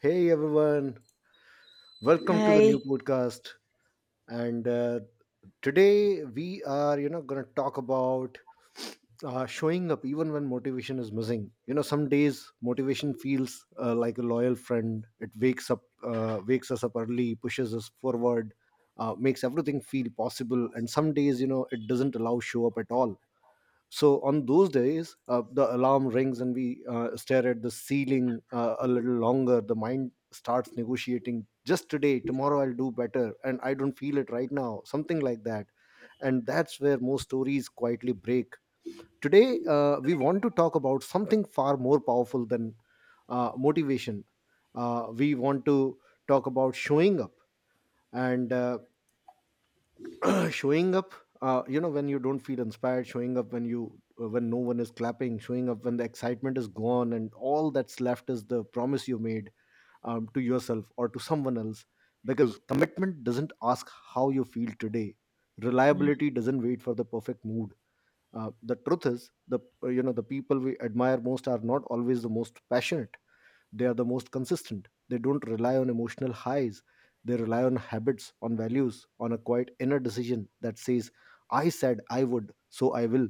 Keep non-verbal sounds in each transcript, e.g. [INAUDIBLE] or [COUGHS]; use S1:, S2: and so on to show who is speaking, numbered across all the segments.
S1: Hey everyone, welcome to the new
S2: Hi.
S1: podcast. And Today we are, you know, going to talk about showing up even when motivation is missing. You know, some days motivation feels like a loyal friend. It wakes up, wakes us up early, pushes us forward, makes everything feel possible. And some days, you know, it doesn't allow show up at all. So on those days, the alarm rings and we stare at the ceiling a little longer. The mind starts negotiating, just today, tomorrow I'll do better, and I don't feel it right now, something like that. And that's where most stories quietly break. Today we want to talk about something far more powerful than motivation. We want to talk about showing up. And [CLEARS THROAT] Showing up, you know, when you don't feel inspired. Showing up when you when no one is clapping. Showing up when the excitement is gone and all that's left is the promise you made, to yourself or to someone else. Because commitment doesn't ask how you feel today. Reliability doesn't wait for the perfect mood. The truth is, the you know, the people we admire most are not always the most passionate. They are the most consistent. They don't rely on emotional highs. They rely on habits, on values, on a quiet inner decision that says, I said I would, so I will.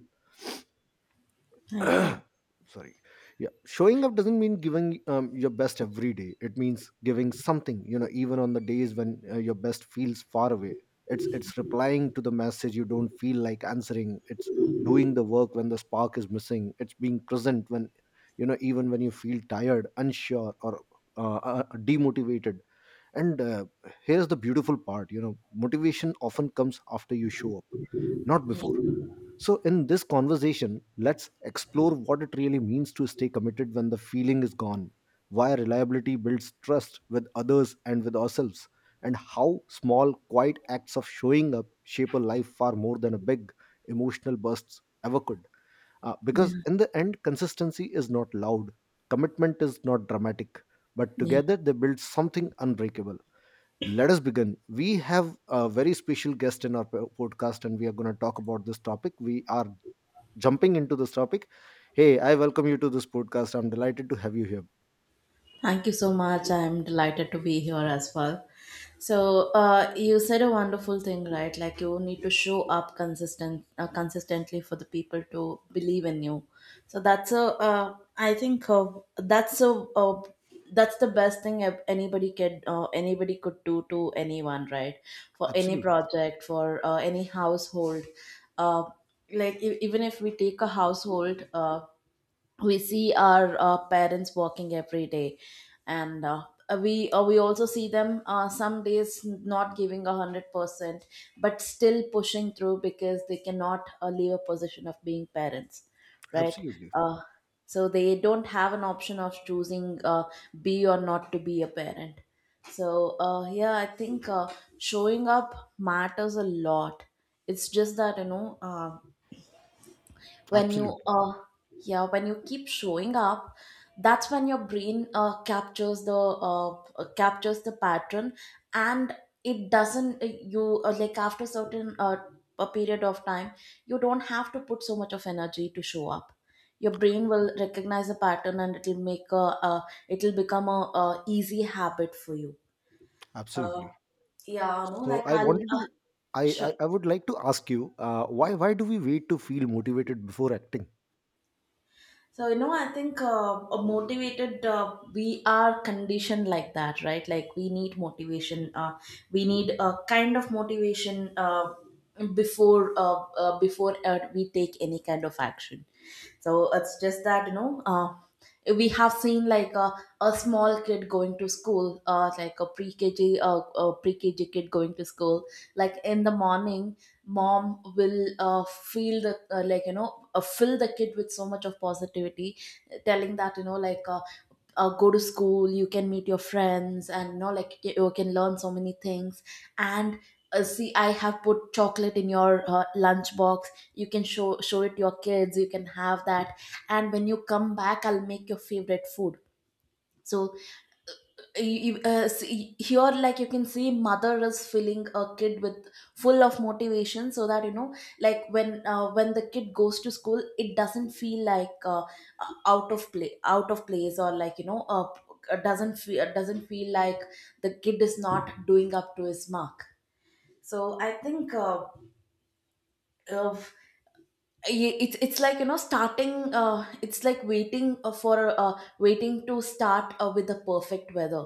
S1: [COUGHS]
S2: I agree.
S1: [CLEARS THROAT] Sorry. Yeah, showing up doesn't mean giving your best every day. It means giving something, you know, even on the days when your best feels far away. It's replying to the message you don't feel like answering. It's doing the work when the spark is missing. It's being present when, you know, even when you feel tired, unsure, or uh, uh, demotivated. And here's the beautiful part, you know, motivation often comes after you show up, not before.
S2: Yeah.
S1: So, in this conversation, let's explore what it really means to stay committed when the feeling is gone, why reliability builds trust with others and with ourselves, and how small, quiet acts of showing up shape a life far more than a big emotional bursts ever could. Because
S2: Yeah.
S1: in the end, consistency is not loud, commitment is not dramatic, but together
S2: Yeah.
S1: they build something unbreakable. Let us begin. We have a very special guest in our podcast, and we are going to talk about this topic. We are jumping into this topic. Hey, I welcome you to this podcast. I'm delighted to have you here.
S2: Thank you so much. I'm delighted to be here as well. So, you said a wonderful thing, right? Like you need to show up consistently for the people to believe in you. So that's a, I think that's a, that's the best thing anybody could do to anyone, right? For any
S1: Absolutely.
S2: project, for any household, uh, even if we take a household, we see our parents working every day, and we also see them, some days not giving 100%, but still pushing through, because they cannot leave a position of being parents, right.
S1: Absolutely.
S2: Uh, so they don't have an option of choosing, be or not to be a parent. So, yeah, I think, showing up matters a lot. It's just that, you know, when you
S1: Absolutely.
S2: yeah, when you keep showing up, that's when your brain, captures the pattern. And it doesn't you like after certain, a period of time, you don't have to put so much of energy to show up. Your brain will recognize the pattern, and it'll become a easy habit for you. uh,
S1: Absolutely.
S2: yeah, no,
S1: So
S2: like
S1: I
S2: I'll
S1: wanted to, I,
S2: sure.
S1: I, I would like to ask you, why do we wait to feel motivated before acting?
S2: So, you know, I think, we are conditioned like that, right? Like we need motivation. We need a kind of motivation before, we take any kind of action. So it's just that, you know, we have seen like a small kid going to school, a pre-kg kid going to school, like in the morning. Mom will, feel the like you know fill the kid with so much of positivity, telling that, like, go to school, you can meet your friends, and like, you can learn so many things. And See, I have put chocolate in your lunch box, you can show it to your kids, you can have that, and when you come back, I'll make your favorite food. so you, See, here, you can see mother is filling a kid with full of motivation, so that, you know, when the kid goes to school, it doesn't feel like, out of place, or doesn't feel like the kid is not doing up to his mark. So I think, uh, it's like, starting it's like waiting, for waiting to start, with the perfect weather.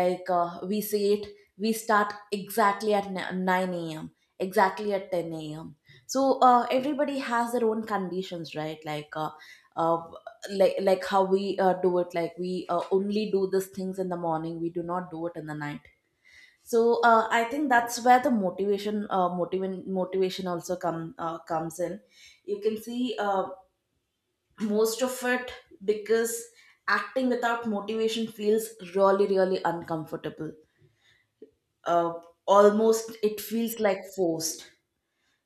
S2: Like, we say it, we start exactly at 9 a.m., exactly at 10 a.m. So, everybody has their own conditions, right? Like uh, uh, like like how we do it, like we only do these things in the morning, we do not do it in the night. So, I think that's where the motivation also comes in, you can see, most of it, because acting without motivation feels really, really uncomfortable, uh, almost it feels like forced.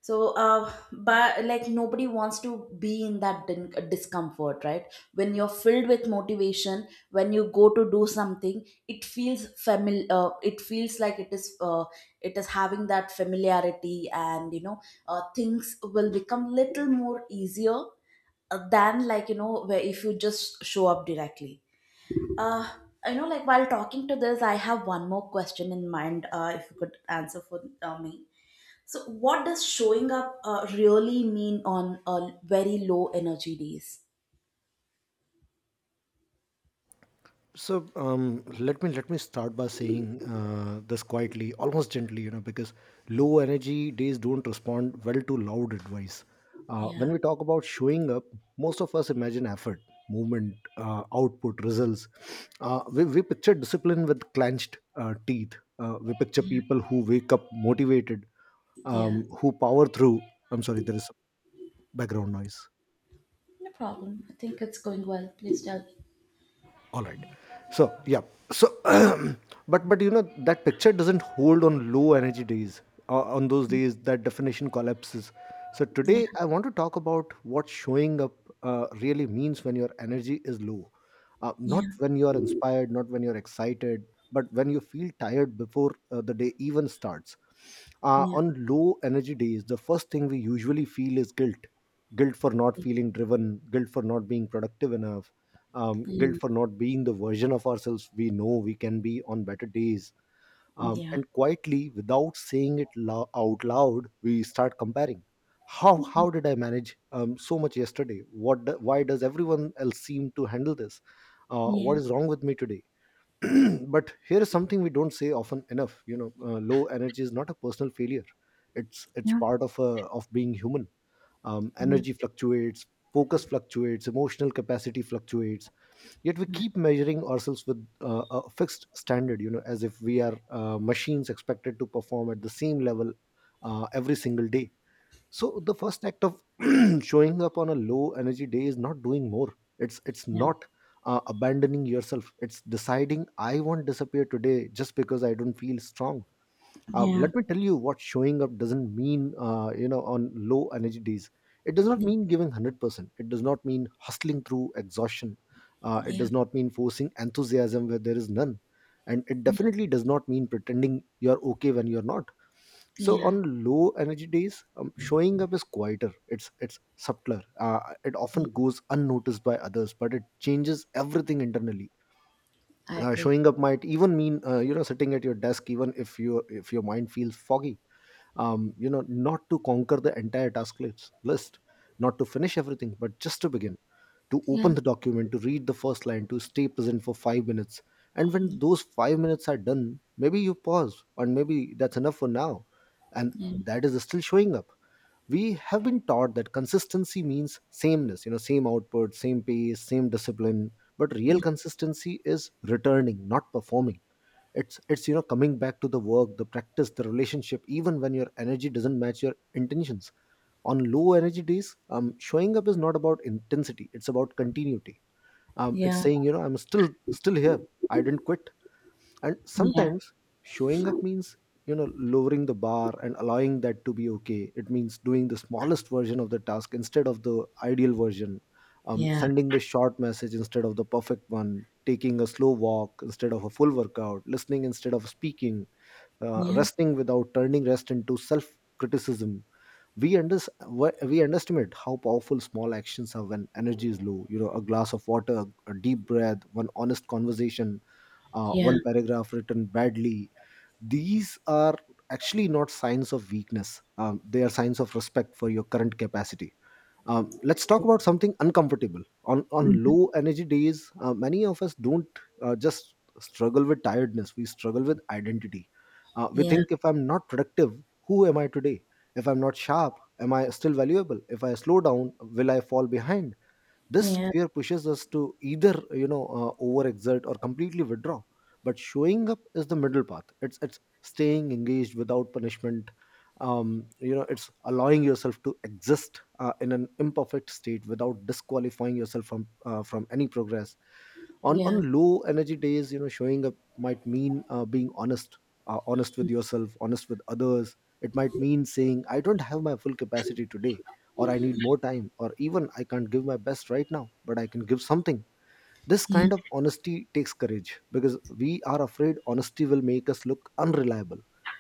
S2: So, but, like, nobody wants to be in that discomfort, right? When you're filled with motivation, when you go to do something, it feels familiar, it feels like it is having that familiarity, and things will become little more easier, than, like, where if you just show up directly uh like, while talking to this, I have one more question in mind, if you could answer for me. So, what does showing up really mean on very low energy days?
S1: So let me start by saying this quietly, almost gently, you know, because low energy days don't respond well to loud advice.
S2: Yeah,
S1: When we talk about showing up, most of us imagine effort, movement, output, results. We picture discipline with clenched teeth. We picture
S2: yeah,
S1: people who wake up motivated,
S2: yeah.
S1: who power through. I'm sorry, there is some background noise.
S2: No problem. I think it's going well. Please tell me.
S1: All right, so yeah, so [CLEARS THROAT] but you know, that picture doesn't hold on low energy days. Uh, on those days that definition collapses. So today
S2: Yeah,
S1: I want to talk about what showing up really means when your energy is low. Uh,
S2: yeah,
S1: not when you are inspired, not when you're excited, but when you feel tired before the day even starts. Uh,
S2: yeah,
S1: on low energy days the first thing we usually feel is guilt. Guilt for not feeling driven, guilt for not being productive enough,
S2: yeah,
S1: guilt for not being the version of ourselves we know we can be on better days.
S2: yeah,
S1: And quietly, without saying it out loud, we start comparing. How did I manage so much yesterday? Why does everyone else seem to handle this?
S2: yeah,
S1: What is wrong with me today? [CLEARS THROAT] But here is something we don't say often enough. You know, low energy is not a personal failure. It's
S2: yeah,
S1: part of being human.
S2: yeah,
S1: Energy fluctuates, focus fluctuates, emotional capacity fluctuates, yet we keep measuring ourselves with a fixed standard, you know, as if we are machines expected to perform at the same level every single day. So the first act of [CLEARS THROAT] showing up on a low energy day is not doing more. It's not abandoning yourself. It's deciding, I won't disappear today just because I don't feel strong.
S2: yeah,
S1: Uh,
S2: yeah, yeah,
S1: let me tell you what showing up doesn't mean, you know, on low energy days. It does not mean giving 100%. It does not mean hustling through exhaustion. It
S2: yeah, yeah.
S1: does not mean forcing enthusiasm where there is none. And it definitely does not mean pretending you're okay when you're not. So on low energy days, showing up is quieter. It's subtler. It often
S2: Yeah.
S1: goes unnoticed by others, but it changes everything internally.
S2: I
S1: Uh,
S2: agree.
S1: showing up might even mean you know, sitting at your desk even if your mind feels foggy, you know, not to conquer the entire task list, not to finish everything, but just to begin. To
S2: Yeah,
S1: open the document, to read the first line, to stay present for five minutes. And when those five minutes are done, maybe you pause, and maybe that's enough for now. And
S2: yeah,
S1: that is still showing up. We have been taught that consistency means sameness, you know, same output, same pace, same discipline. But real
S2: yeah,
S1: consistency is returning, not performing. It's you know, coming back to the work, the practice, the relationship, even when your energy doesn't match your intentions. On low energy days, showing up is not about intensity, it's about continuity. Um, it's
S2: yeah,
S1: saying, you know, I'm still here, I didn't quit. And
S2: yeah,
S1: sometimes showing up means, you know, lowering the bar and allowing that to be okay. It means doing the smallest version of the task instead of the ideal version,
S2: yeah,
S1: sending the short message instead of the perfect one, taking a slow walk instead of a full workout, listening instead of speaking,
S2: yeah,
S1: resting without turning rest into self criticism. we under, we underestimate how powerful small actions are when energy is low, you know, a glass of water, a deep breath, one honest conversation,
S2: yeah.
S1: one paragraph written badly. These are actually not signs of weakness, they are signs of respect for your current capacity. Um, let's talk about something uncomfortable. On low energy days, many of us don't just struggle with tiredness, we struggle with identity. Uh, we think, if I'm not productive, who am I today? If I'm not sharp, am I still valuable? If I slow down, will I fall behind? This
S2: Yeah,
S1: fear pushes us to either, you know, overexert or completely withdraw. But showing up is the middle path. It's staying engaged without punishment. Um, you know, it's allowing yourself to exist in an imperfect state without disqualifying yourself from any progress. On
S2: yeah,
S1: low energy days, you know, showing up might mean being honest. Uh, honest with yourself, honest with others. It might mean saying, I don't have my full capacity today, or I need more time, or even, I can't give my best right now, but I can give something. This
S2: yeah, yeah,
S1: kind of
S2: yeah.
S1: honesty takes courage because we are afraid honesty will make us look unreliable.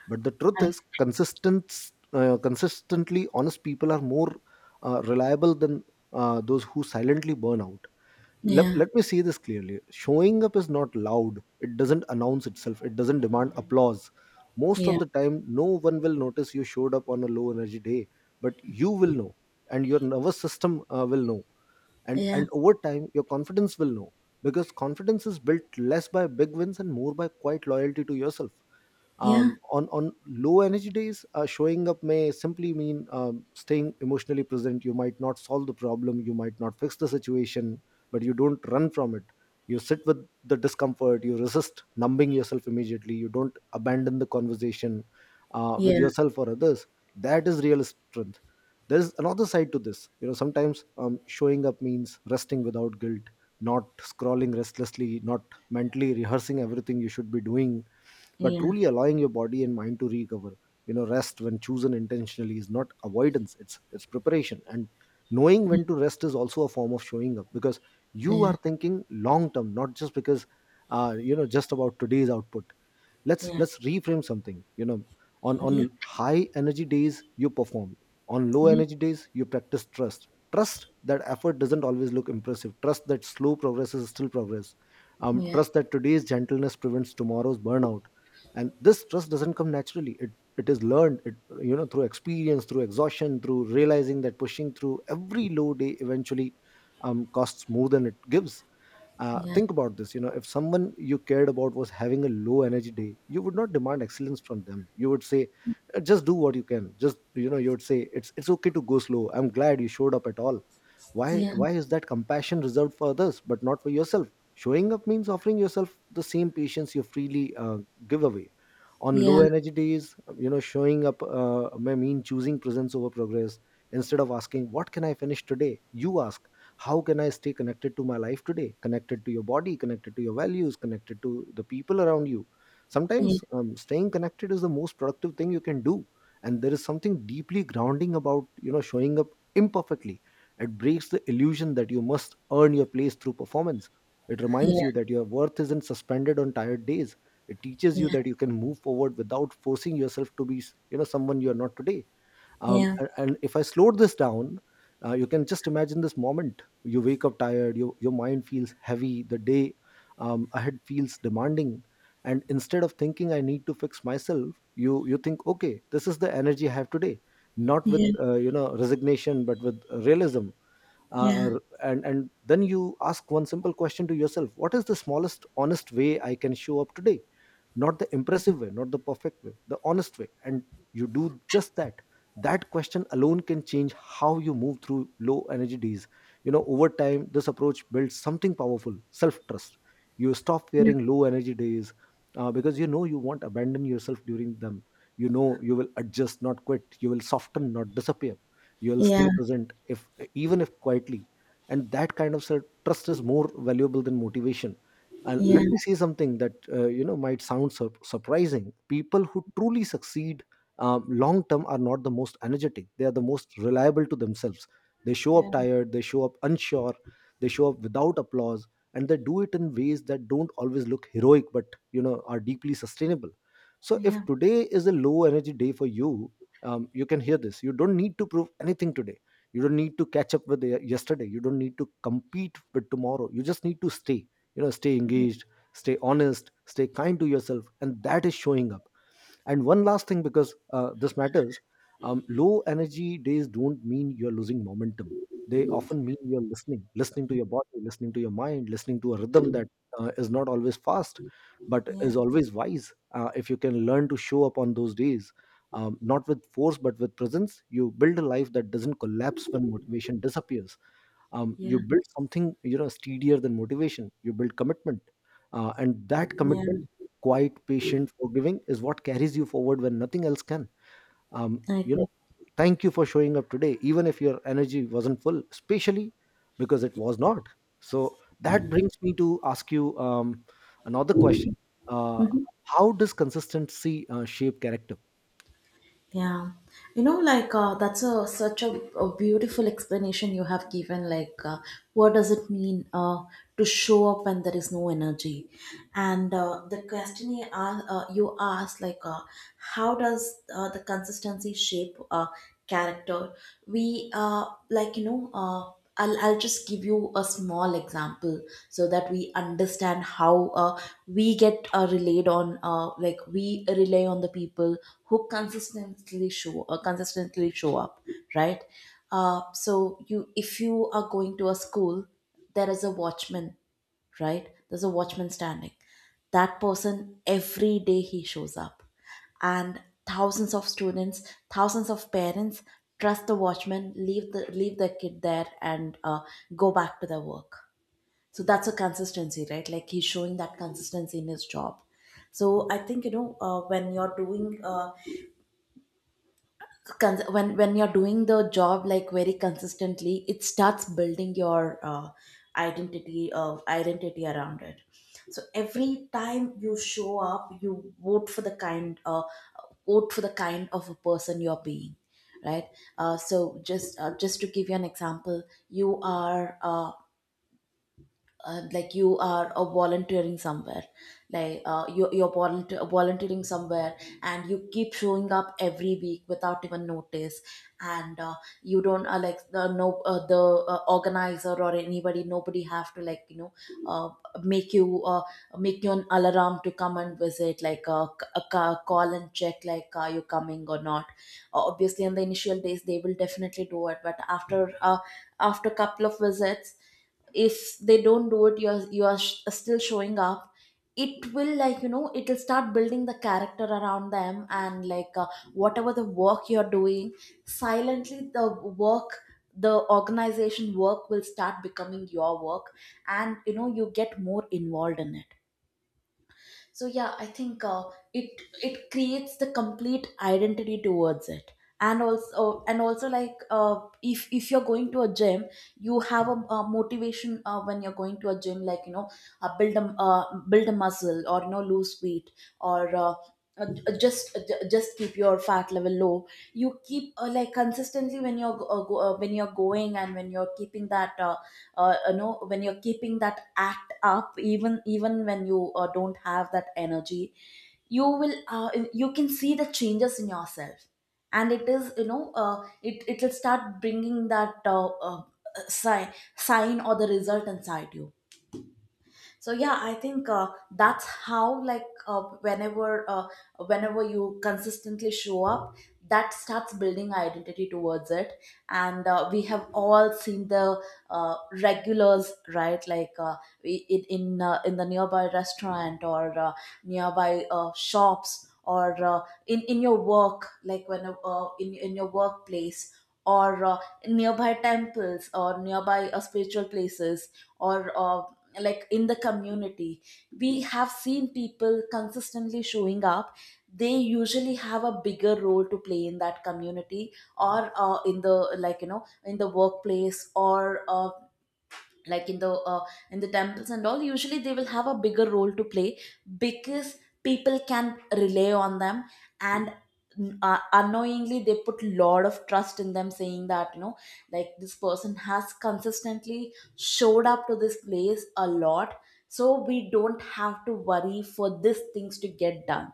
S1: But the truth is, consistently honest people are more reliable than those who silently burn out. let,
S2: Yeah,
S1: let me say this clearly. Showing up is not loud. It doesn't announce itself. It doesn't demand applause. Most
S2: yeah,
S1: of
S2: yeah,
S1: the time no one will notice you showed up on a low energy day, but you will know, and your nervous system will know, and
S2: yeah.
S1: and over time your confidence will know, because confidence is built less by big wins and more by quiet loyalty to yourself. um,
S2: Yeah,
S1: on on low energy days, showing up may simply mean staying emotionally present. You might not solve the problem. You might not fix the situation, but you don't run from it. You sit with the discomfort. You resist numbing yourself immediately. You don't abandon the conversation, with
S2: yeah,
S1: yourself or others. That is real strength. There's another side to this. You know, sometimes showing up means resting without guilt. Not scrolling restlessly, not mentally rehearsing everything you should be doing, but
S2: yeah,
S1: truly allowing your body and mind to recover. You know, rest when chosen intentionally is not avoidance. It's preparation, and knowing when to rest is also a form of showing up, because you
S2: yeah,
S1: are thinking long term, not just because you know, just about today's output. let's
S2: yeah,
S1: let's reframe something. You know, on
S2: yeah,
S1: on high energy days you perform. On low
S2: yeah,
S1: energy days, you practice trust. Trust that effort doesn't always look impressive. Trust that slow progress is still progress.
S2: yeah,
S1: Trust that today's gentleness prevents tomorrow's burnout. And this trust doesn't come naturally. It is learned. It, you know, through experience, through exhaustion, through realizing that pushing through every low day eventually costs more than it gives.
S2: yeah,
S1: Think about this. You know, if someone you cared about was having a low energy day, you would not demand excellence from them. You would say, just do what you can. Just, you know, you would say it's okay to go slow. I'm glad you showed up at all. why
S2: yeah,
S1: why is that compassion reserved for others but not for yourself? Showing up means offering yourself the same patience you freely give away. On
S2: yeah,
S1: low
S2: yeah,
S1: energy days, you know, showing up may mean choosing presence over progress. Instead of asking what can I finish today, you ask how can I stay connected to my life today. Connected to your body, connected to your values, connected to the people around you. Sometimes staying connected is the most productive thing you can do, and there is something deeply grounding about, you know, showing up imperfectly. It breaks the illusion that you must earn your place through performance. It
S2: yeah,
S1: reminds
S2: yeah,
S1: you that your worth isn't suspended on tired days. It teaches you that you can move forward without forcing yourself to be, you know, someone you are not today.
S2: yeah,
S1: um,
S2: yeah,
S1: and, and if I slowed this down, you can just imagine this moment. You wake up tired. Your mind feels heavy. The day ahead feels demanding, and instead of thinking I need to fix myself, you think, okay, this is the energy I have today. Not
S2: yeah,
S1: with
S2: yeah,
S1: you know, resignation, but with realism.
S2: yeah,
S1: And then you ask one simple question to yourself: what is the smallest honest way I can show up today? Not the impressive way, not the perfect way, the honest way, and you do just that. That question alone can change how you move through low energy days. You know, over time this approach builds something powerful: self trust. You stop fearing low energy days, because you know you won't abandon yourself during them. You know, you will adjust, not quit. You will soften, not disappear. You'll
S2: yeah,
S1: stay present, if even if quietly. And that kind of trust is more valuable than motivation. And let me say something that, you know, might sound surprising. People who truly succeed long term are not the most energetic. They are the most reliable to themselves. They show up tired. They show up unsure. They show up without applause. And they do it in ways that don't always look heroic, but, you know, are deeply sustainable. So if
S2: yeah,
S1: today is a low energy day for you, you can hear this. You don't need to prove anything today. You don't need to catch up with yesterday. You don't need to compete with tomorrow. You just need to stay. You know, stay engaged, stay honest, stay kind to yourself, and that is showing up. And one last thing, because this matters, low energy days don't mean you're losing momentum. They often mean you're listening. Listening to your body, listening to your mind, listening to a rhythm that is not always fast, but
S2: yeah,
S1: is always wise. If you can learn to show up on those days, not with force, but with presence, you build a life that doesn't collapse when motivation disappears. You
S2: yeah,
S1: build something, you know, steadier than motivation. You build commitment, and that
S2: yeah.
S1: commitment, quiet, patient, forgiving, is what carries you forward when nothing else can.
S2: I
S1: You know,
S2: agree.
S1: thank you for showing up today, even if your energy wasn't full, especially because it was not. So that brings me to ask you another question: uh,
S2: Mhm.
S1: how does consistency shape character?
S2: Yeah, that's a such a beautiful explanation you have given. Like, what does it mean, to show up when there is no energy? And, the you asked, like, how does the consistency shape, character? We like you know. I'll just give you a small example, so that we understand how, we get relayed on like we rely on the people who consistently show up, right. So you if you are going to a school, there is a watchman, right? There's a watchman standing, that person, every day he shows up, and thousands of students, thousands of parents trust the watchman, leave their kid there, and go back to their work. So that's a consistency, right? Like he's showing that consistency in his job. So I think, you know, when you're doing the job like very consistently, it starts building your identity around it. So every time you show up, you vote for the kind vote for the kind of a person you're being, right. Just to give you an example, you are uh, you are volunteering somewhere. Like, volunteering somewhere, and you keep showing up every week without even notice. And you don't like the no the organizer, or anybody, nobody have to, uh, make you uh, make you an alarm to come and visit, like, call and check, like, are you coming or not? Obviously, in the initial days they will definitely do it, but after couple of visits, if they don't do it, you are still showing up. It will, it will start building the character around them, and whatever the work you're doing, silently the organization work will start becoming your work, and you get more involved in it. So yeah, I think it creates the complete identity towards it. And also, if you're going to a gym, you have a motivation, when you're going to a gym, build a muscle, or lose weight, or uh, just keep your fat level low. You keep, like, consistently, when you're going, and when you're keeping that you know when you're keeping that act up, even when you don't have that energy, you can see the changes in yourself. And it is, it will start bringing that, sign sign or the result inside you. So yeah, I think, that's how, whenever you consistently show up, that starts building identity towards it. And, we have all seen the, uh, regulars, right? Like, in the nearby restaurant, or nearby shops, or in your work, like, when in your workplace, or nearby temples, or nearby spiritual places, or uh, in the community. We have seen people consistently showing up, they usually have a bigger role to play in that community, or in the, in the workplace, or like in the uh, in the temples and all, usually they will have a bigger role to play, because people can rely on them. And, unknowingly, they put lot of trust in them, saying that, you know, like, this person has consistently showed up to this place a lot, so we don't have to worry for these things to get done.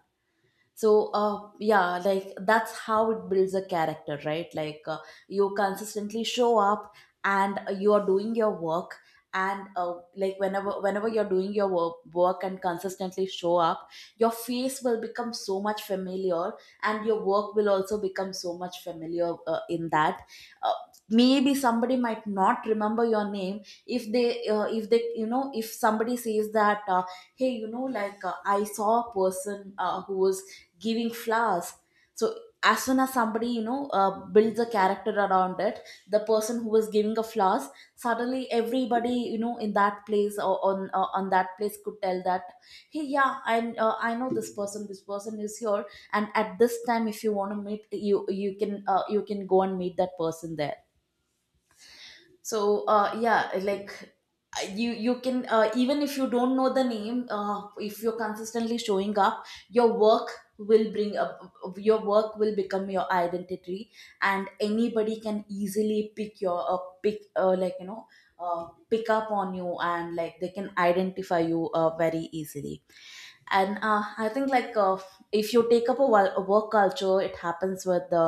S2: So, yeah, like, that's how it builds a character, right? Like, you consistently show up and you are doing your work, and, like, whenever you're doing your work and consistently show up, your face will become so much familiar, and your work will also become so much familiar, in that, uh, maybe somebody might not remember your name. If somebody says that, hey, like, I saw a person, who was giving flowers. So as soon as somebody, builds a character around it, the person who was giving a flowers, suddenly everybody, in that place, or on that place could tell that, hey, yeah, I know This person is here, and at this time, if you want to meet, you can go and meet that person there. So, yeah, like, you can, even if you don't know the name, if you're consistently showing up, your work will bring up, your work will become your identity. And anybody can easily pick your, pick pick up on you, and like, they can identify you, very easily. And I think, like, if you take up a work culture, it happens with the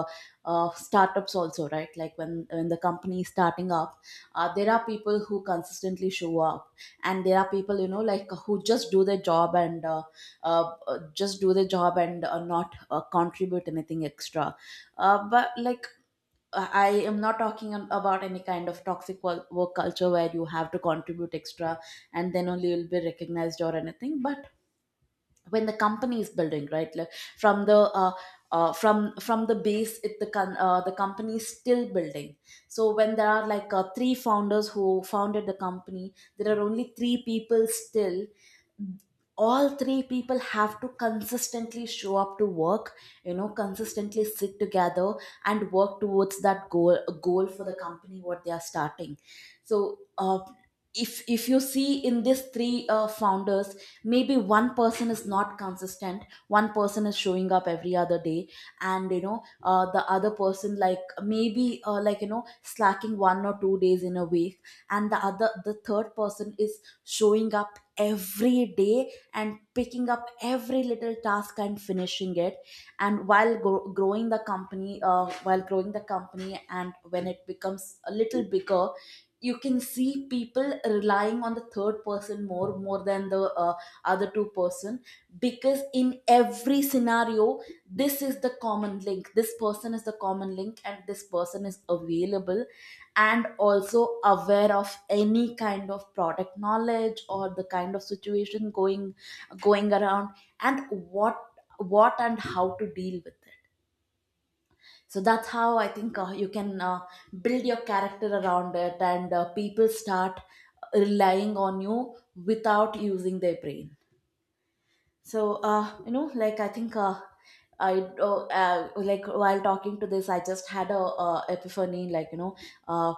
S2: uh, startups also, right? Like, when the company is starting up, there are people who consistently show up, and there are people, like, who just do their job and not, contribute anything extra. But like, I am not talking about any kind of toxic work culture where you have to contribute extra and then only you'll be recognized or anything. But when the company is building, right, like, from the from the base, the company is still building. So when there are, like, three founders who founded the company, there are only three people still. All three people have to consistently show up to work, consistently sit together, and work towards that goal for the company, what they are starting. So, if you see in these three, founders, maybe one person is not consistent, one person is showing up every other day, and the other person, like, maybe slacking 1 or 2 days in a week, and the third person is showing up every day and picking up every little task and finishing it. And while growing the company, and when it becomes a little bigger, you can see people relying on the third person more than the other two person, because in every scenario, this is the common link, this person is the common link, and this person is available, and also aware of any kind of product knowledge or the kind of situation going around, and what, and how to deal with it. So that's how I think, you can, build your character around it, and, people start relying on you without using their brain. So, I think, I like while talking to this, I just had a, epiphany. Uh,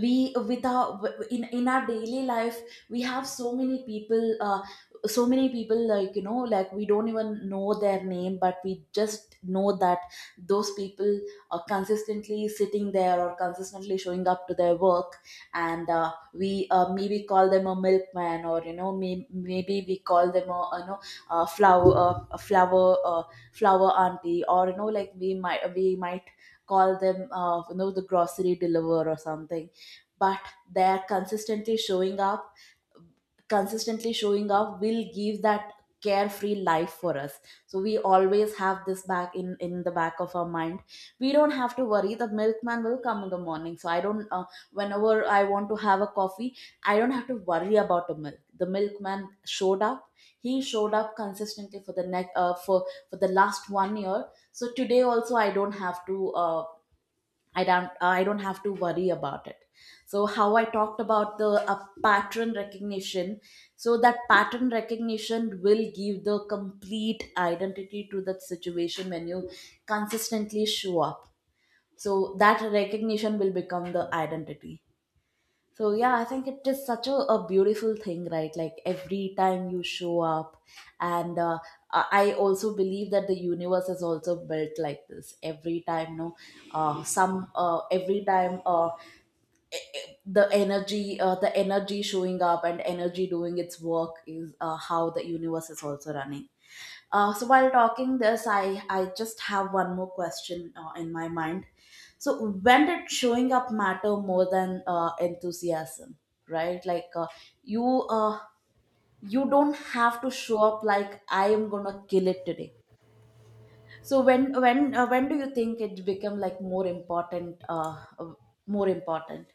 S2: we with our in our daily life, we have so many people, like we don't even know their name, but we just know that those people are consistently sitting there or consistently showing up to their work. And, we, maybe call them a milkman, or, maybe we call them a flower auntie, or, like, we might call them, the grocery deliverer or something. But they're consistently showing up. Consistently showing up will give that carefree life for us. So we always have this back in the back of our mind. We don't have to worry, the milkman will come in the morning, so I don't, whenever I want to have a coffee, I don't have to worry about the milkman. Showed up he showed up consistently for the next for the last one year, so today also I don't have to, I don't have to worry about it. So, how I talked about the pattern recognition, so that pattern recognition will give the complete identity to that situation when you consistently show up. So that recognition will become the identity. So yeah, I think it is such a beautiful thing, right? Like, every time you show up. And I also believe that the universe is also built like this. Every time, no, some every time The energy, the energy showing up, and energy doing its work is, how the universe is also running. So, while talking this, I just have one more question, in my mind. So, when did showing up matter more than, enthusiasm? Right? Like, you uh, you don't have to show up like, I am gonna kill it today. So when do you think it become, like, more important, more important?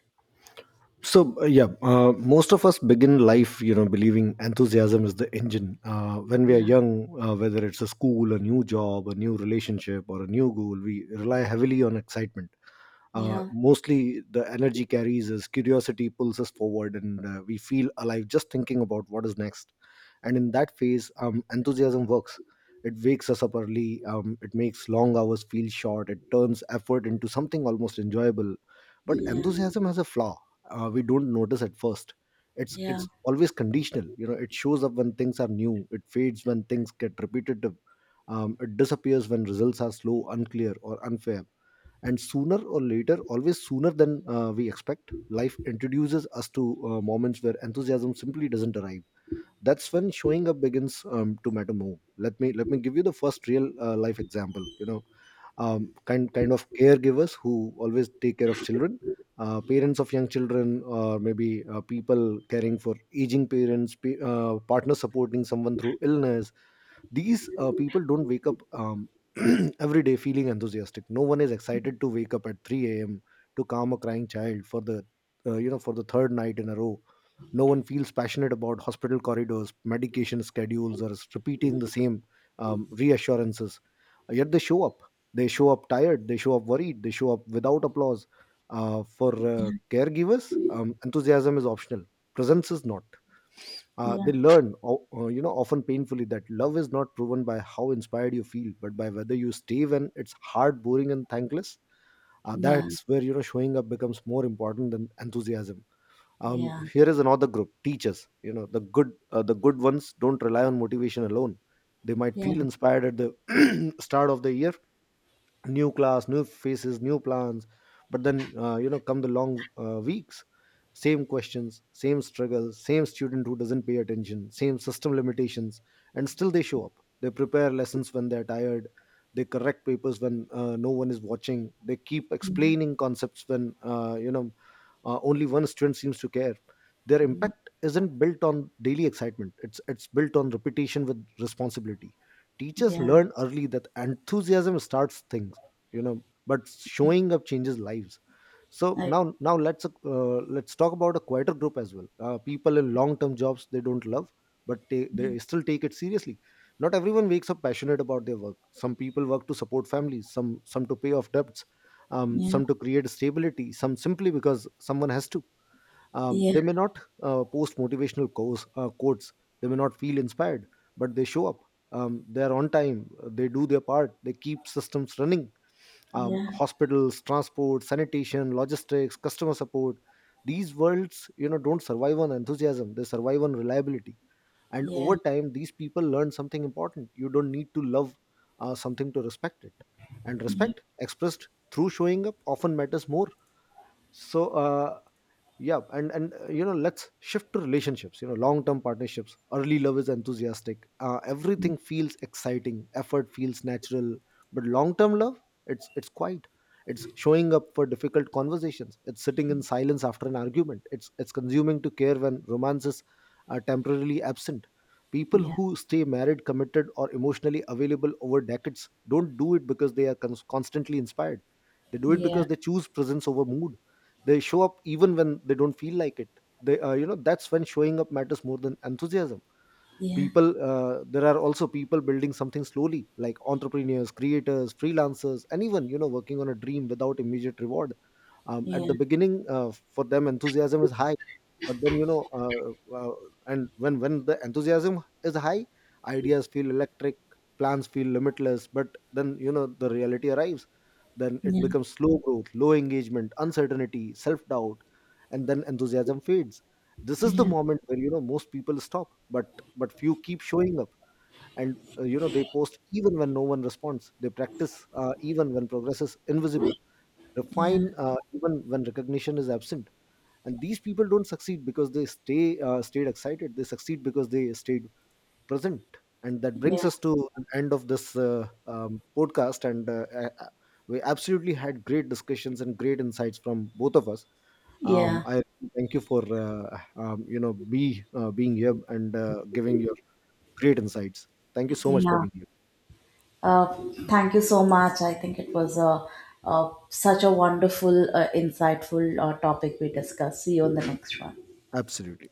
S1: So, yeah, most of us begin life, you know, believing enthusiasm is the engine. When we are
S2: Yeah,
S1: young, whether it's a school, a new job, a new relationship or a new goal, we rely heavily on excitement.
S2: yeah,
S1: Mostly the energy carries us, curiosity pulls us forward, and we feel alive just thinking about what is next. And in that phase enthusiasm works. It wakes us up early. It makes long hours feel short. It turns effort into something almost enjoyable. But
S2: yeah,
S1: enthusiasm has a flaw we don't notice at first. it's
S2: yeah,
S1: it's always conditional. You know, it shows up when things are new. It fades when things get repetitive. It disappears when results are slow, unclear or unfair, and sooner or later, always sooner than we expect, life introduces us to moments where enthusiasm simply doesn't arrive. That's when showing up begins to matter more. Let me give you the first real life example. You know, kind of caregivers who always take care of children, parents of young children, or maybe people caring for aging parents, partner supporting someone through illness. These people don't wake up, [CLEARS THROAT] every day feeling enthusiastic. No one is excited to wake up at 3 a.m. to calm a crying child for the third night in a row. No one feels passionate about hospital corridors, medication schedules, or repeating the same reassurances. Yet they show up. They show up tired, they show up worried, they show up without applause. For caregivers, enthusiasm is optional, presence is not.
S2: yeah,
S1: They learn, you know, often painfully, that love is not proven by how inspired you feel, but by whether you stay when it's hard, boring, and thankless.
S2: yeah,
S1: That's where, you know, showing up becomes more important than enthusiasm.
S2: yeah,
S1: Here is another group: teachers. You know, the good ones don't rely on motivation alone. They might
S2: yeah,
S1: feel inspired at the [CLEARS THROAT] start of the year: new class, new faces, new plans. But then, you know, come the long weeks. Same questions, same struggles, same student who doesn't pay attention, same system limitations, and still they show up. They prepare lessons when they're tired. They correct papers when no one is watching. They keep explaining concepts when, only one student seems to care. Their
S2: yeah,
S1: impact isn't built on daily excitement. It's built on repetition with responsibility. Teachers
S2: yeah.
S1: learn early that enthusiasm starts things, you know, but showing up changes lives. So
S2: I
S1: now let's talk about a quieter group as well: people in long term jobs they don't love, but they still take it seriously. Not everyone wakes up passionate about their work. Some people work to support families, some to pay off debts,
S2: Yeah.
S1: some to create stability, some simply because someone has to.
S2: Yeah.
S1: They may not post motivational quotes. They may not feel inspired, but they show up. They are on time. They do their part. They keep systems running. Um,
S2: Yeah,
S1: hospitals transport, sanitation, logistics, customer support: these worlds, you know, don't survive on enthusiasm. They survive on reliability. And
S2: yeah,
S1: over time these people learn something important: you don't need to love something to respect it, and
S2: yeah,
S1: respect expressed through showing up often matters more. So, yeah, and you know, let's shift to relationships. You know, long term partnerships, early love is enthusiastic. Everything feels exciting. Effort feels natural. But long term love, it's quiet. It's showing up for difficult conversations. It's sitting in silence after an argument. It's consuming to care when romances are temporarily absent. People
S2: yeah,
S1: who stay married, committed or emotionally available over decades don't do it because they are constantly inspired. They do it
S2: yeah,
S1: because they choose presence over mood. They show up even when they don't feel like it. They You know, that's when showing up matters more than enthusiasm.
S2: yeah,
S1: People There are also people building something slowly, like entrepreneurs, creators, freelancers, anyone, you know, working on a dream without immediate reward. At the
S2: yeah,
S1: beginning, for them enthusiasm is high, but then, you know, and when the enthusiasm is high, ideas feel electric, plans feel limitless. But then, you know, the reality arrives. Then it
S2: yeah,
S1: becomes slow growth, low engagement, uncertainty, self doubt, and then enthusiasm fades. This is the
S2: yeah,
S1: moment where, you know, most people stop, but few keep showing up. And, you know, they post even when no one responds. They practice even when progress is invisible.
S2: yeah,
S1: Refine even when recognition is absent. And these people don't succeed because they stayed excited. They succeed because they stayed present. And that brings
S2: yeah,
S1: us to the end of this podcast, and we absolutely had great discussions and great insights from both of us.
S2: yeah,
S1: I really thank you for you know, be being here and giving your great insights. Thank you so much for
S2: yeah.
S1: being here.
S2: Thank you so much. I think it was such a wonderful, insightful, topic we discussed. See you on the next one.
S1: Absolutely.